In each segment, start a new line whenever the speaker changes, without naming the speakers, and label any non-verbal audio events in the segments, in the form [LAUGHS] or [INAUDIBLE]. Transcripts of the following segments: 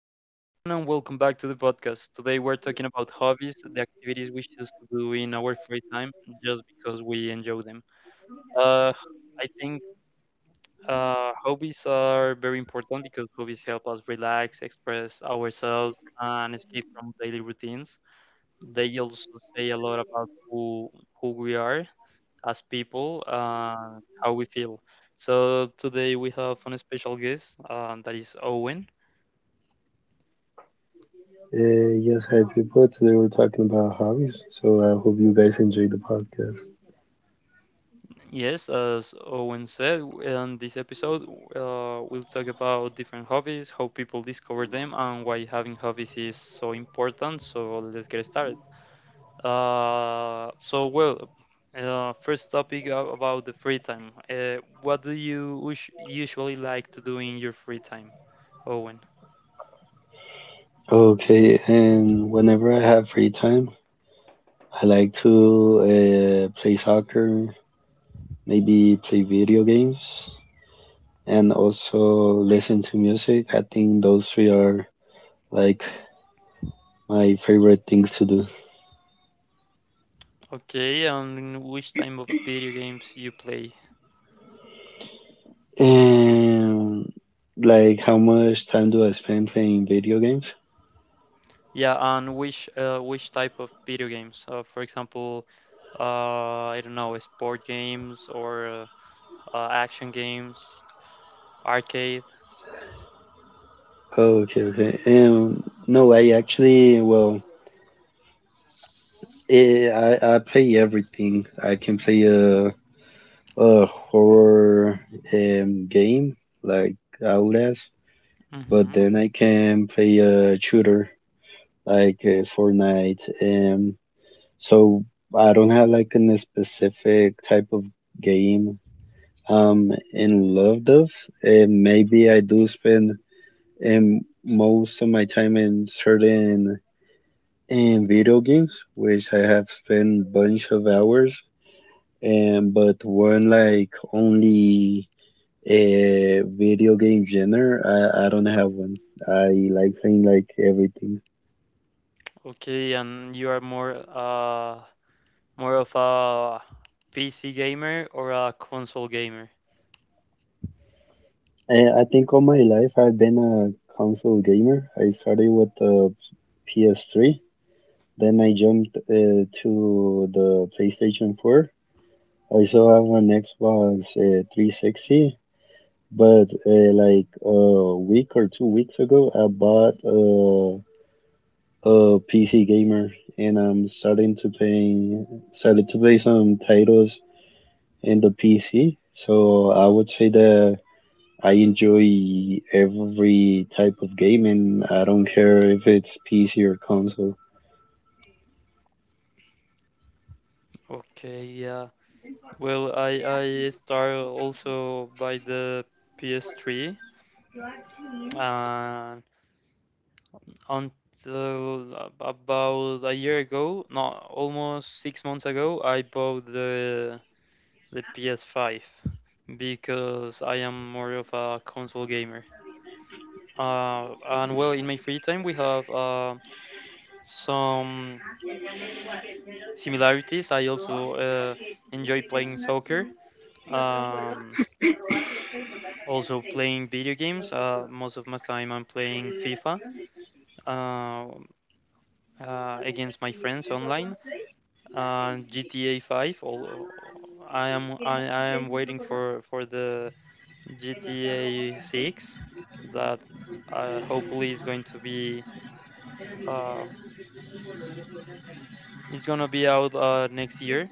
Hello, everyone, and welcome back to the podcast. Today, we're talking about hobbies, the activities we choose to do in our free time just because we enjoy them. Uh, I think Hobbies are very important because hobbies help us relax, express ourselves, and escape from daily routines. They also say a lot about who we are as people and how we feel. So, today, we have a special guest that is Owen.
Yes, hi people. Today we're talking about hobbies, so I hope you guys enjoy the podcast.
Yes, as Owen said, in this episode, we'll talk about different hobbies, how people discover them, and why having hobbies is so important. So let's get started. Uh, so, well, First topic about the free time. What do you usually like to do in your free time, Owen?
Okay, and whenever I have free time, I like to play soccer, maybe play video games, and also listen to music. I think those three are like my favorite things to do.
Okay, and which type of video games you play?
And like, how much time do I spend playing video games?
Yeah, and which type of video games? For example, I don't know, sport games or action games, arcade.
Oh, okay, okay. No, I actually, well, I play everything. I can play a horror game like Outlast, but
Hmm.
then I can play a shooter like Fortnite. So I don't have like a specific type of game I'm in love of. And maybe I do spend most of my time in certain in video games, which I have spent bunch of hours and but one like only a video game genre. I don't have one. I like playing like everything.
Okay, and you are more of a PC gamer or a console gamer?
I think all my life I've been a console gamer. I started with the PS3, then I jumped to the PlayStation 4. I still have an Xbox 360, but like a week or 2 weeks ago, I bought a PC gamer, and I'm starting to playing started to play some titles in the PC. So I would say that I enjoy every type of game, and I don't care if it's PC or console.
Okay, yeah. Well, I start also by the PS3. Uh, Until about a year ago, no, almost 6 months ago, I bought the PS5 because I am more of a console gamer. And well, in my free time, we have some similarities. I also enjoy playing soccer. Um, also playing video games. Most of my time, I'm playing FIFA uh, against my friends online, and GTA 5. Although I am waiting for the GTA 6 that hopefully is going to be um it's gonna be out next year.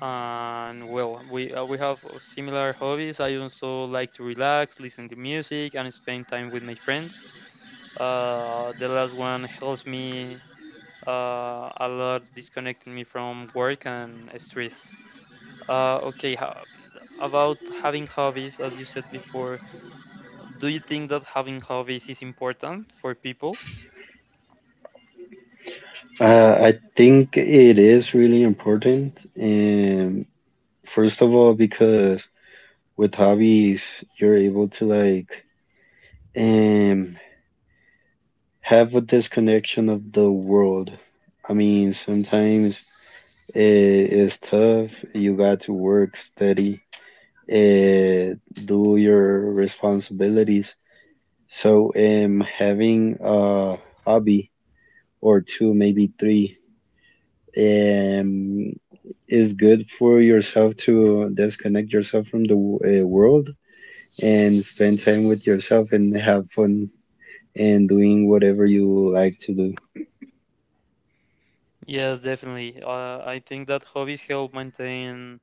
And well, we have similar hobbies. I also like to relax, listen to music, and spend time with my friends. The last one helps me a lot, disconnecting me from work and stress. Okay, about having hobbies, as you said before, do you think that having hobbies is important for people?
I think it is really important, and first of all, because with hobbies, you're able to like um have a disconnection of the world. I mean, sometimes it is tough. You got to work, study, uh, do your responsibilities. So, having a hobby or two, maybe three, um, is good for yourself to disconnect yourself from the world and spend time with yourself and have fun and doing whatever you like to do.
Yes, definitely. I think that hobbies help maintain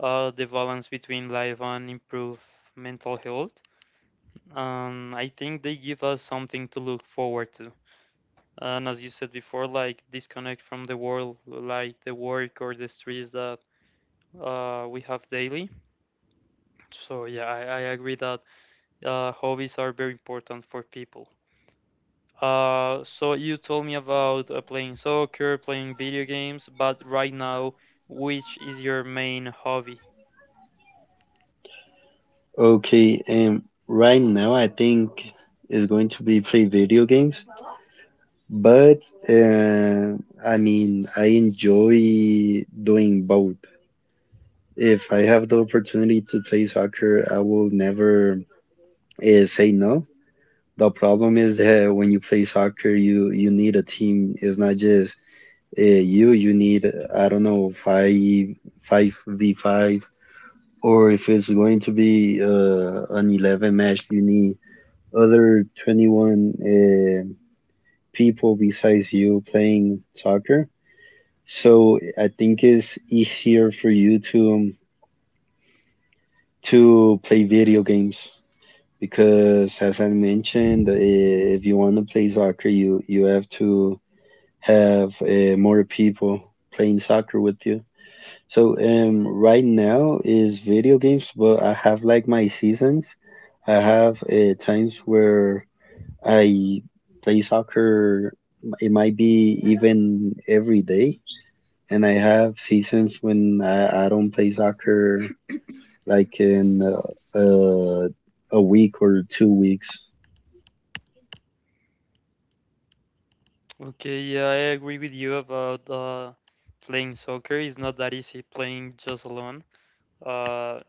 the balance between life and improve mental health. I think they give us something to look forward to. And as you said before, like, disconnect from the world, like the work or the stress that we have daily. So yeah, I agree that hobbies are very important for people. So you told me about playing soccer, playing video games, but right now, which is your main hobby?
Okay, right now I think is going to be play video games. But uh, I mean, I enjoy doing both. If I have the opportunity to play soccer, I will never say no. The problem is that when you play soccer, you need a team. It's not just uh, you. You need I don't know five v five, or if it's going to be an 11 match, you need other 21 people besides you playing soccer. So I think it's easier for you to play video games because, as I mentioned, if you want to play soccer, you have to have more people playing soccer with you. So right now is video games, but I have like my seasons. I have times where I play soccer. It might be even every day, and I have seasons when I don't play soccer like in a week or 2 weeks.
Okay, yeah, I agree with you about playing soccer. It's not that easy playing just alone. Uh,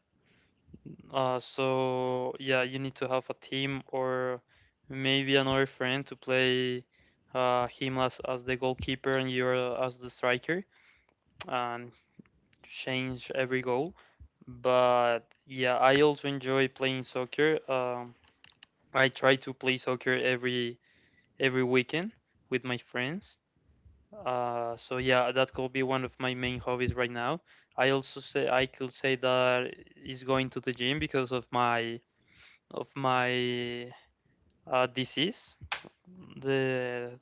so yeah, you need to have a team or maybe another friend to play him as the goalkeeper and you're as the striker and change every goal. But yeah, I also enjoy playing soccer. I try to play soccer every weekend with my friends. So yeah, that could be one of my main hobbies right now. I could say that is going to the gym because of my disease, the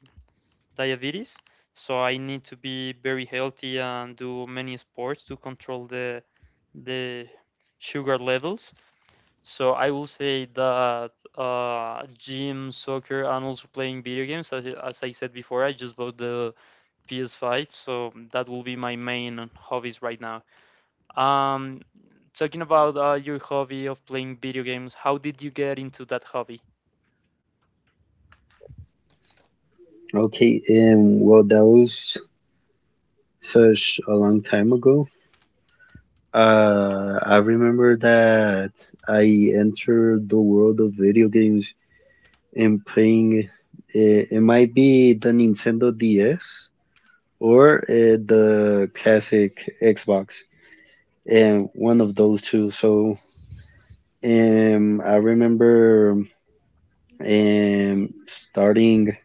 diabetes. So I need to be very healthy and do many sports to control the sugar levels. So I will say that gym, soccer, and also playing video games. As I said before, I just bought the PS5, so that will be my main hobbies right now. Um, talking about your hobby of playing video games, how did you get into that hobby?
Okay, and well, that was such a long time ago. I remember that I entered the world of video games and playing. It might be the Nintendo DS or the classic Xbox, and one of those two. So I remember starting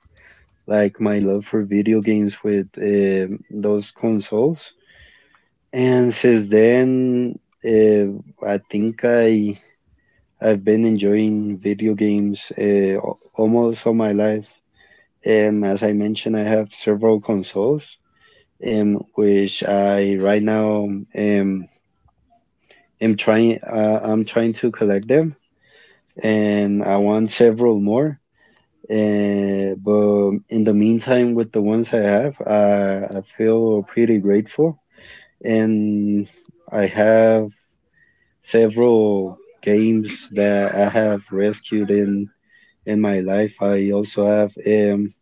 like my love for video games with those consoles. And since then, I think I've been enjoying video games almost all my life. As I mentioned, I have several consoles, which I right now um am trying I'm trying to collect them, and I want several more. But in the meantime, with the ones I have, I feel pretty grateful. And I have several games that I have rescued in my life. I also have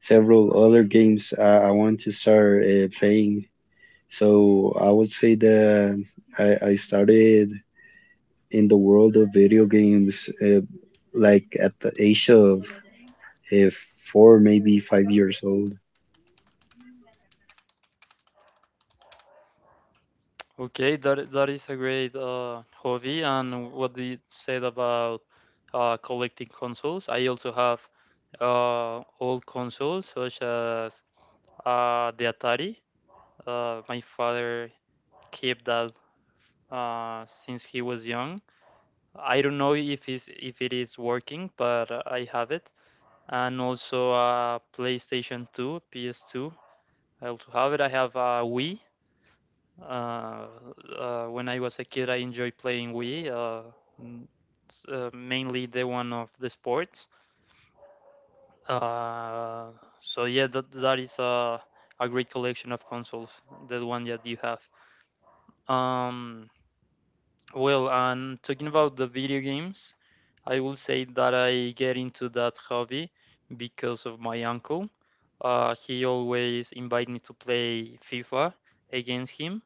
several other games I want to start playing. So I would say that I started in the world of video games like at the age of uh, 4, maybe 5 years old.
Okay, that is a great hobby. And what you said about collecting consoles, I also have old consoles such as the Atari. My father keep that since he was young. I don't know if if it is working, but I have it. And also PlayStation 2, PS2. I also have it. I have a Wii. Uh, when I was a kid, I enjoyed playing Wii, mainly the one of the sports. Uh, so yeah, that is a great collection of consoles, the one that you have. Um, Well, and talking about the video games, I will say that I get into that hobby because of my uncle. He always invite me to play FIFA against him.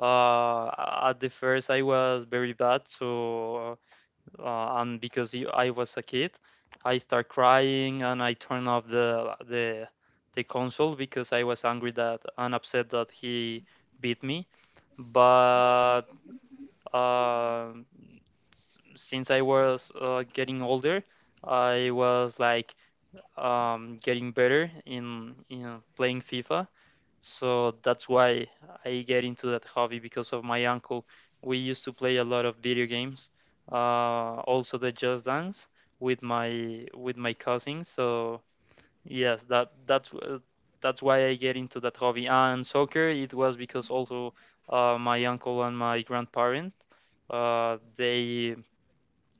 Uh, at the first, I was very bad, so, and because I was a kid, I start crying and I turn off the console because I was angry that and upset that he beat me. But um, since I was getting older, I was like getting better in playing FIFA. So that's why I get into that hobby because of my uncle. We used to play a lot of video games, also the Just Dance with my cousin. So yes, that's why I get into that hobby. And soccer, it was because also my uncle and my grandparent, they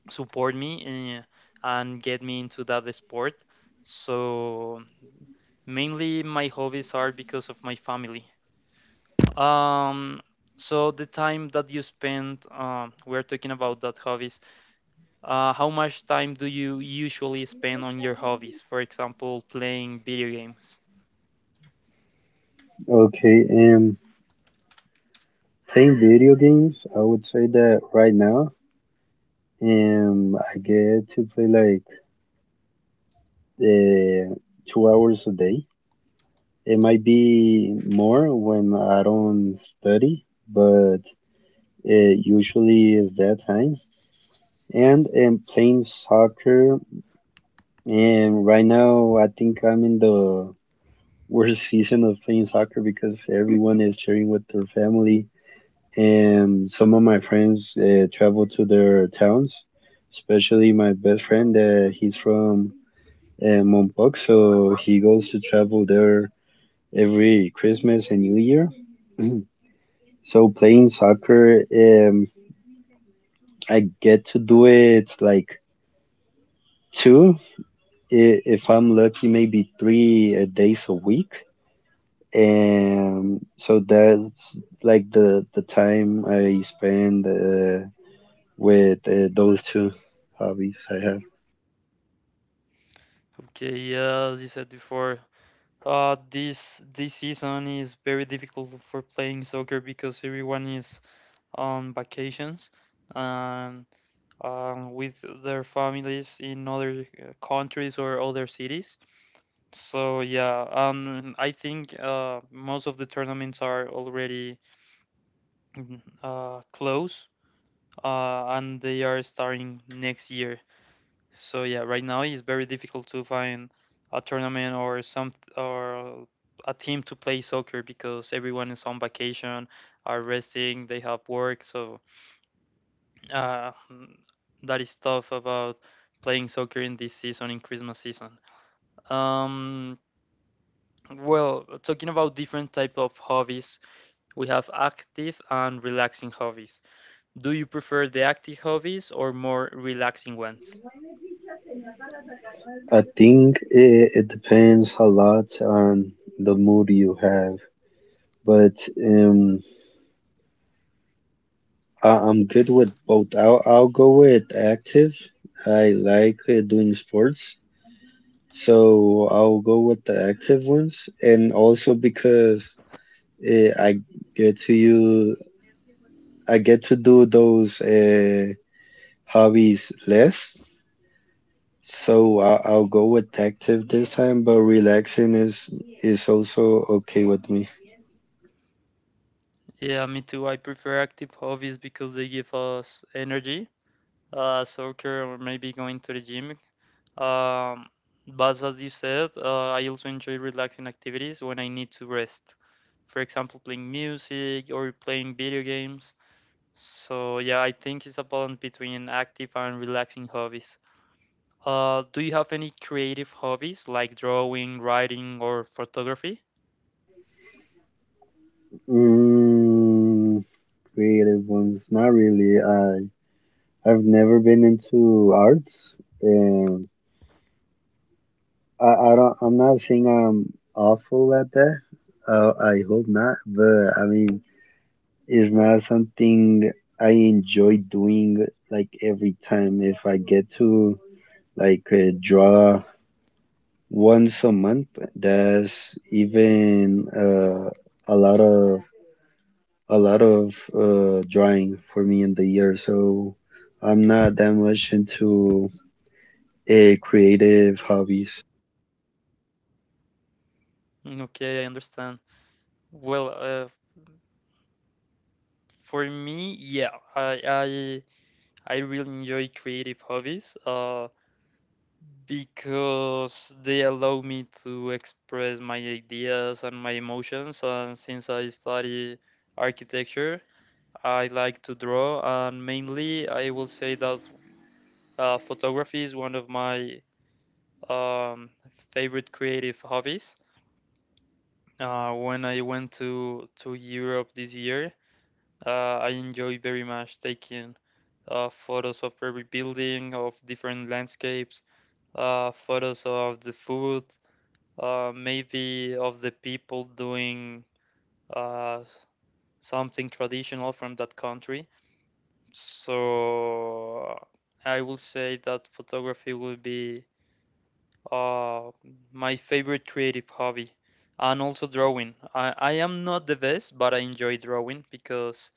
support me in, and get me into that sport. So mainly my hobbies are because of my family. Um, so the time that you spend, we're talking about that hobbies. How much time do you usually spend on your hobbies? For example, playing video games.
Okay, playing video games, I would say that right now, I get to play like uh, 2 hours a day. It might be more when I don't study, but it usually is that time. And playing soccer, and right now I think I'm in the worst [LAUGHS] season of playing soccer because everyone is sharing with their family and some of my friends travel to their towns, especially my best friend. He's from Mompox, so he goes to travel there every Christmas and New Year. [CLEARS THROAT] So playing soccer, I get to do it like two, if I'm lucky, maybe 3 days a week. And so that's like the time I spend. With those two hobbies I have.
Okay, yeah, as you said before, this season is very difficult for playing soccer because everyone is on vacations and with their families in other countries or other cities. So yeah, I think most of the tournaments are already close, and they are starting next year. So yeah, right now it's very difficult to find a tournament or some or a team to play soccer because everyone is on vacation, are resting, they have work. So uh, mm, that is tough about playing soccer in this season, in Christmas season. Um, well, talking about different type of hobbies, we have active and relaxing hobbies. Do you prefer the active hobbies or more relaxing ones?
I think it depends a lot on the mood you have, but um, I'm good with both. I'll go with active. I like doing sports, so I'll go with the active ones, and also because uh, I get to you, I get to do those hobbies less. So I'll go with active this time, but relaxing is also okay with me.
Yeah, me too. I prefer active hobbies because they give us energy, soccer or maybe going to the gym. Um, but as you said, I also enjoy relaxing activities when I need to rest. For example, playing music or playing video games. So yeah, I think it's a balance between active and relaxing hobbies. Do you have any creative hobbies like drawing, writing, or photography?
Mm, Creative ones, not really. I've never been into arts, and I don't. I'm not saying I'm awful at that. I hope not, but I mean, it's not something I enjoy doing like every time. If I get to like draw once a month. There's even a lot of a lot of drawing for me in the year, so I'm not that much into creative hobbies.
Mm, okay, I understand. Well, for me, yeah, I really enjoy creative hobbies because they allow me to express my ideas and my emotions. And since I study architecture, I like to draw, and mainly I will say that photography is one of my um, favorite creative hobbies. When I went to Europe this year, I enjoy very much taking photos of every building, of different landscapes, photos of the food, maybe of the people doing uh, something traditional from that country. So I will say that photography will be uh, my favorite creative hobby. And also drawing. I am not the best, but I enjoy drawing because,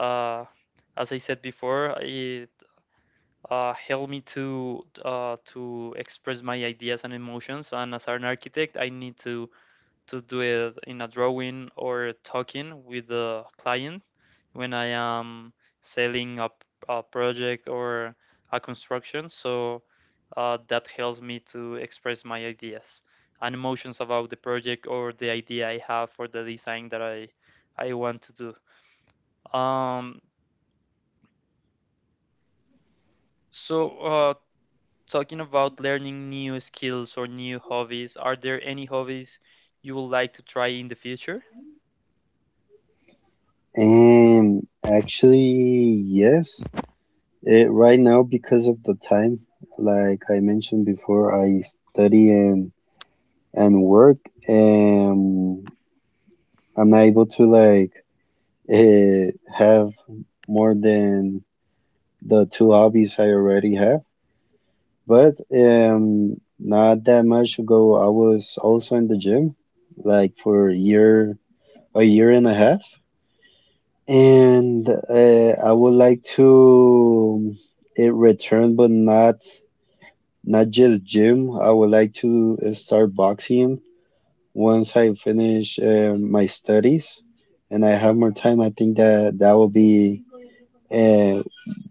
uh, as I said before, help me to express my ideas and emotions. And as an architect, I need to do it in a drawing or talking with the client when I am selling a project or a construction. So that helps me to express my ideas and emotions about the project or the idea I have for the design that I want to do. Um, so, uh, talking about learning new skills or new hobbies, are there any hobbies you would like to try in the future?
And actually, yes, right now because of the time, like I mentioned before, I study and work, and I'm not able to like uh, have more than the two hobbies I already have, but not that much ago, I was also in the gym, like for a year and a half, and I would like to it return, but not just gym. I would like to start boxing once I finish my studies and I have more time. I think that that will be uh,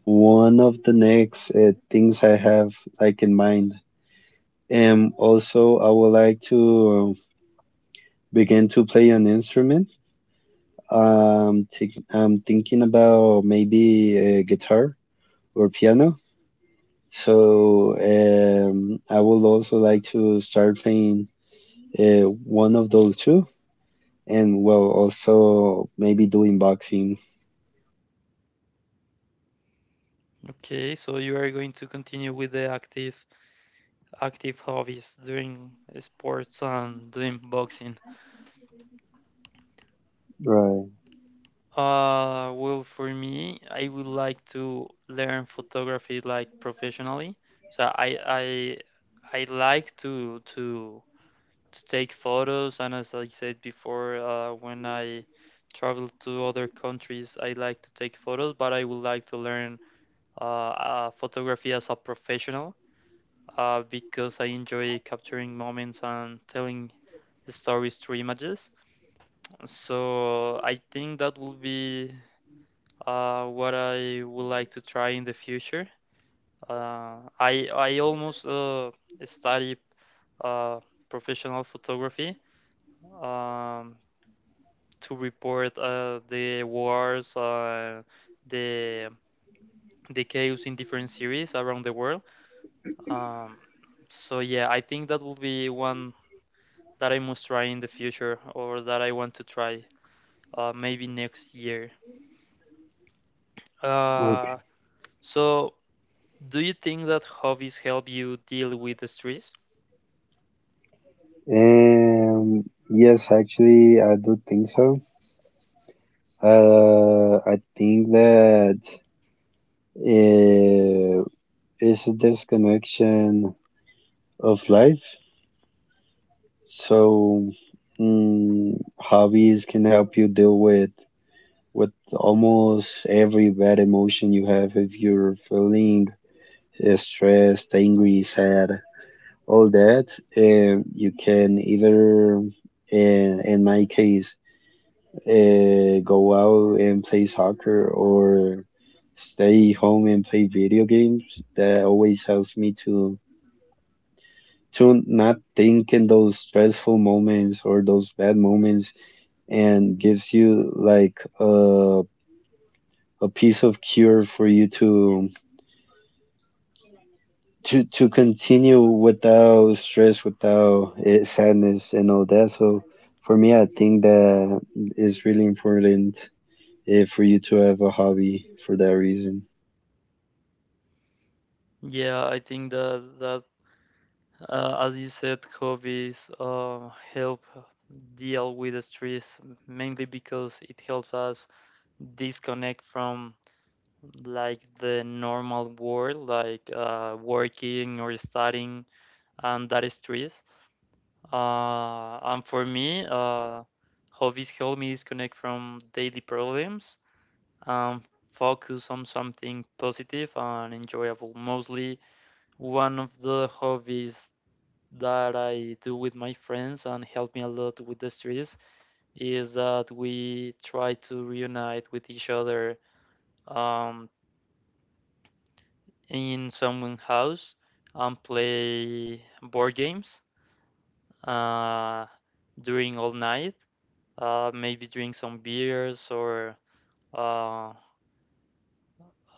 one of the next things I have like in mind. And also, I would like to begin to play an instrument. I'm thinking about maybe a guitar or piano. So I would also like to start playing one of those two, and well, also maybe doing boxing.
Okay, so you are going to continue with the active hobbies, doing sports and doing boxing.
Right.
Well, for me, I would like to learn photography like professionally. So I like to take photos. And as I said before, when I travel to other countries, I like to take photos, but I would like to learn photography as a professional because I enjoy capturing moments and telling stories through images. So I think that will be what I would like to try in the future. I almost study uh, professional photography. Um, to report the wars, the the chaos in different series around the world. Um, so yeah, I think that will be one that I must try in the future, or that I want to try maybe next year.
Okay.
Uh, so do you think that hobbies help you deal with the stress?
Um. Yes, actually, I do think so. I think that uh, is a disconnection of life. So hobbies can help you deal with almost every bad emotion you have if you're feeling stressed, angry, sad, all that. You can either, in my case, go out and play soccer or stay home and play video games. That always helps me to not think in those stressful moments or those bad moments, and gives you like a piece of cure for you to continue without stress, without sadness and all that. So for me, I think that is really important for you to have a hobby for that reason.
Yeah, I think that as you said, hobbies help deal with the stress mainly because it helps us disconnect from like the normal world, like working or studying and that stress. And for me, hobbies help me disconnect from daily problems and focus on something positive and enjoyable. Mostly, one of the hobbies that I do with my friends and help me a lot with the stress is that we try to reunite with each other um, in someone's house and play board games uh, during all night. Maybe drink some beers or uh,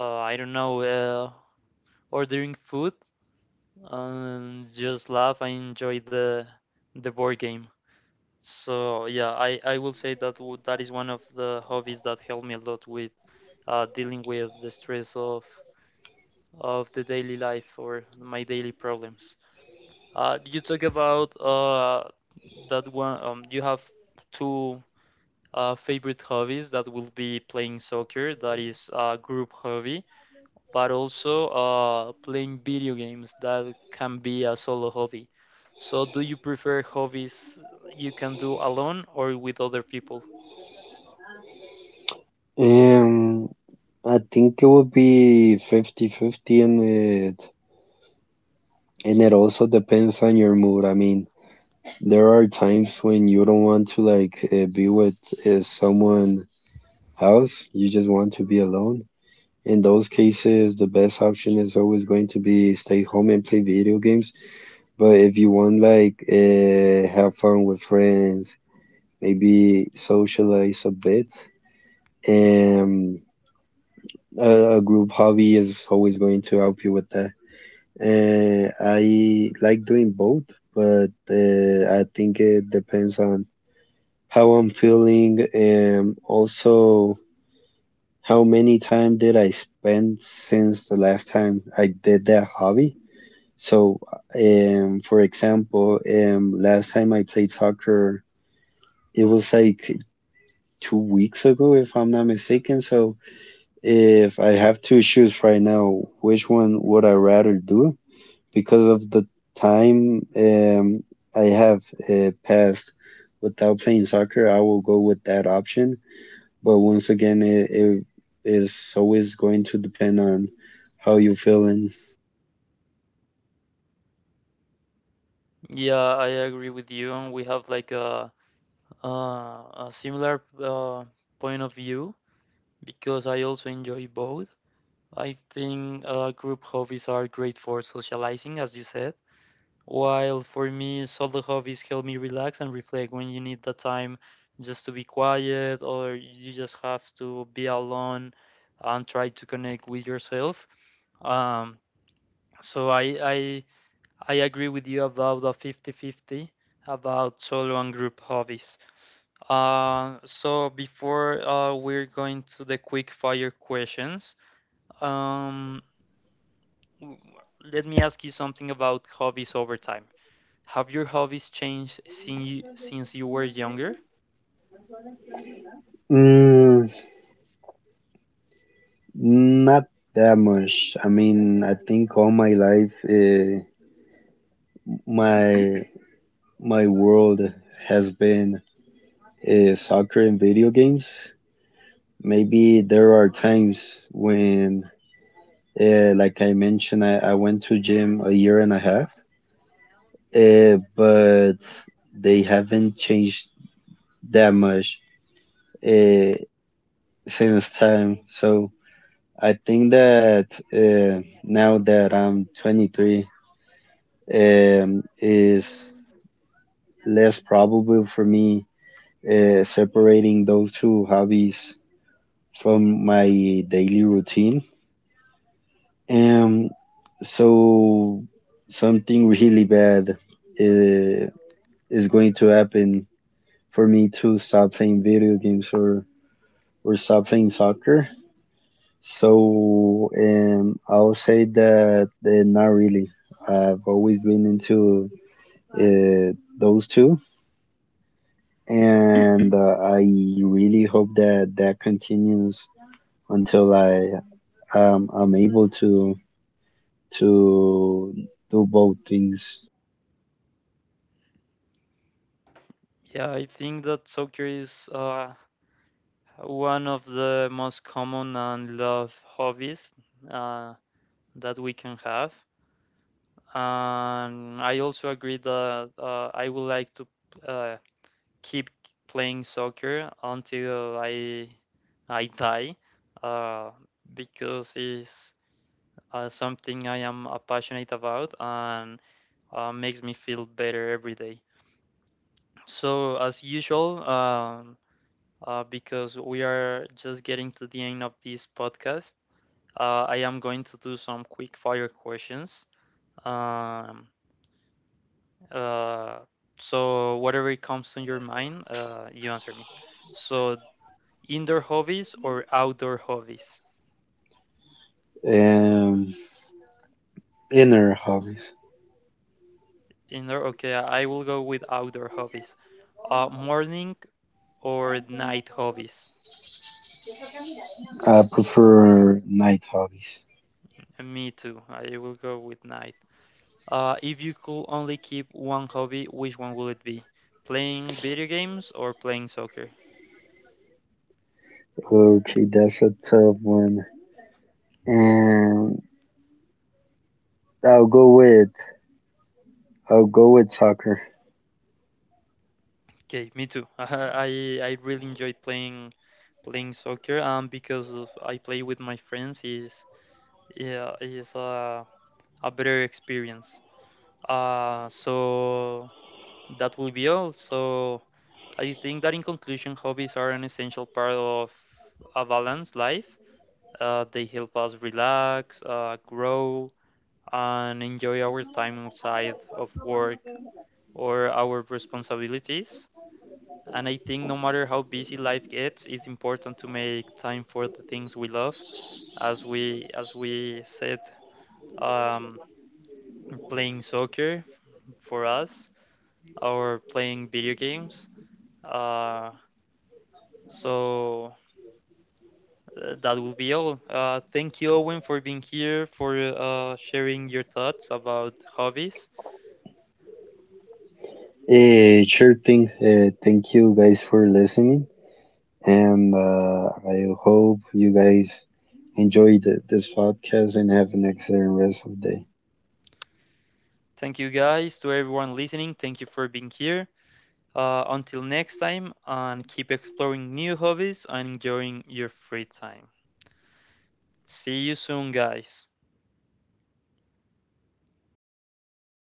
I don't know, ordering food and just laugh and enjoy the board game. So yeah, I will say that that is one of the hobbies that helped me a lot with dealing with the stress of the daily life or my daily problems. You talk about that one. You have two favorite hobbies that will be playing soccer, that is a group hobby, but also playing video games, that can be a solo hobby. So, do you prefer hobbies you can do alone or with other people?
um I think it would be 50 fifty 50, it and it also depends on your mood. I mean, there are times when you don't want to like be with someone else. You just want to be alone. In those cases, the best option is always going to be stay home and play video games. But if you want like have fun with friends, maybe socialize a bit, and a group hobby is always going to help you with that. I like doing both, but I think it depends on how I'm feeling, and also how many time did I spend since the last time I did that hobby. So, for example, last time I played soccer, it was like 2 weeks ago, if I'm not mistaken. So, if I have to choose right now, which one would I rather do? Because of the time I have passed without playing soccer, I will go with that option. But once again, it is always going to depend on how you're feeling.
Yeah, I agree with you, and we have like a similar point of view because I also enjoy both. I think group hobbies are great for socializing, as you said, while for me, solo hobbies help me relax and reflect when you need the time just to be quiet or you just have to be alone and try to connect with yourself. Um, so I I agree with you about the 50-50 about solo and group hobbies. So before we're going to the quick fire questions. Um, Mm, Let me ask you something about hobbies over time. Have your hobbies changed since since you were younger?
Mm, Not that much. I mean, I think all my life, my my world has been soccer and video games. Maybe there are times when, like I mentioned, I went to gym a year and a half, but they haven't changed that much. Uh, since time. So I think that now that I'm 23, is less probable for me separating those two hobbies from my daily routine. Um, so something really bad is going to happen for me to stop playing video games or stop playing soccer. So I'll say that not really. I've always been into those two, and I really hope that that continues until I'm able to do both things.
Yeah, I think that soccer is one of the most common and loved hobbies uh, that we can have. And I also agree that I would like to uh, keep playing soccer until I die, uh, because it's something I am passionate about, and makes me feel better every day. So, as usual, because we are just getting to the end of this podcast, I am going to do some quick fire questions. Um, uh, so, whatever comes to your mind, you answer me. So, indoor hobbies or outdoor hobbies?
Um, Inner hobbies.
Indoor, okay, I will go with outdoor hobbies. Morning or night hobbies?
I prefer night hobbies.
Me too. I will go with night. If you could only keep one hobby, which one would it be? Playing video games or playing soccer?
Okay, that's a tough one. And I'll go with I'll go with soccer.
Okay, me too. [LAUGHS] I really enjoyed playing playing soccer because of I play with my friends is yeah is a better experience. Uh, so that will be all. So I think that in conclusion, hobbies are an essential part of a balanced life. They help us relax, grow, and enjoy our time outside of work or our responsibilities. And I think no matter how busy life gets, it's important to make time for the things we love. As we said, um, playing soccer for us or playing video games. Uh, so that will be all. Thank you, Owen, for being here, for sharing your thoughts about hobbies.
Sure thing. Thank you guys for listening, and I hope you guys enjoyed this podcast and have an excellent rest of the day.
Thank you, guys, to everyone listening. Thank you for being here. Until next time, and keep exploring new hobbies and enjoying your free time. See you soon, guys.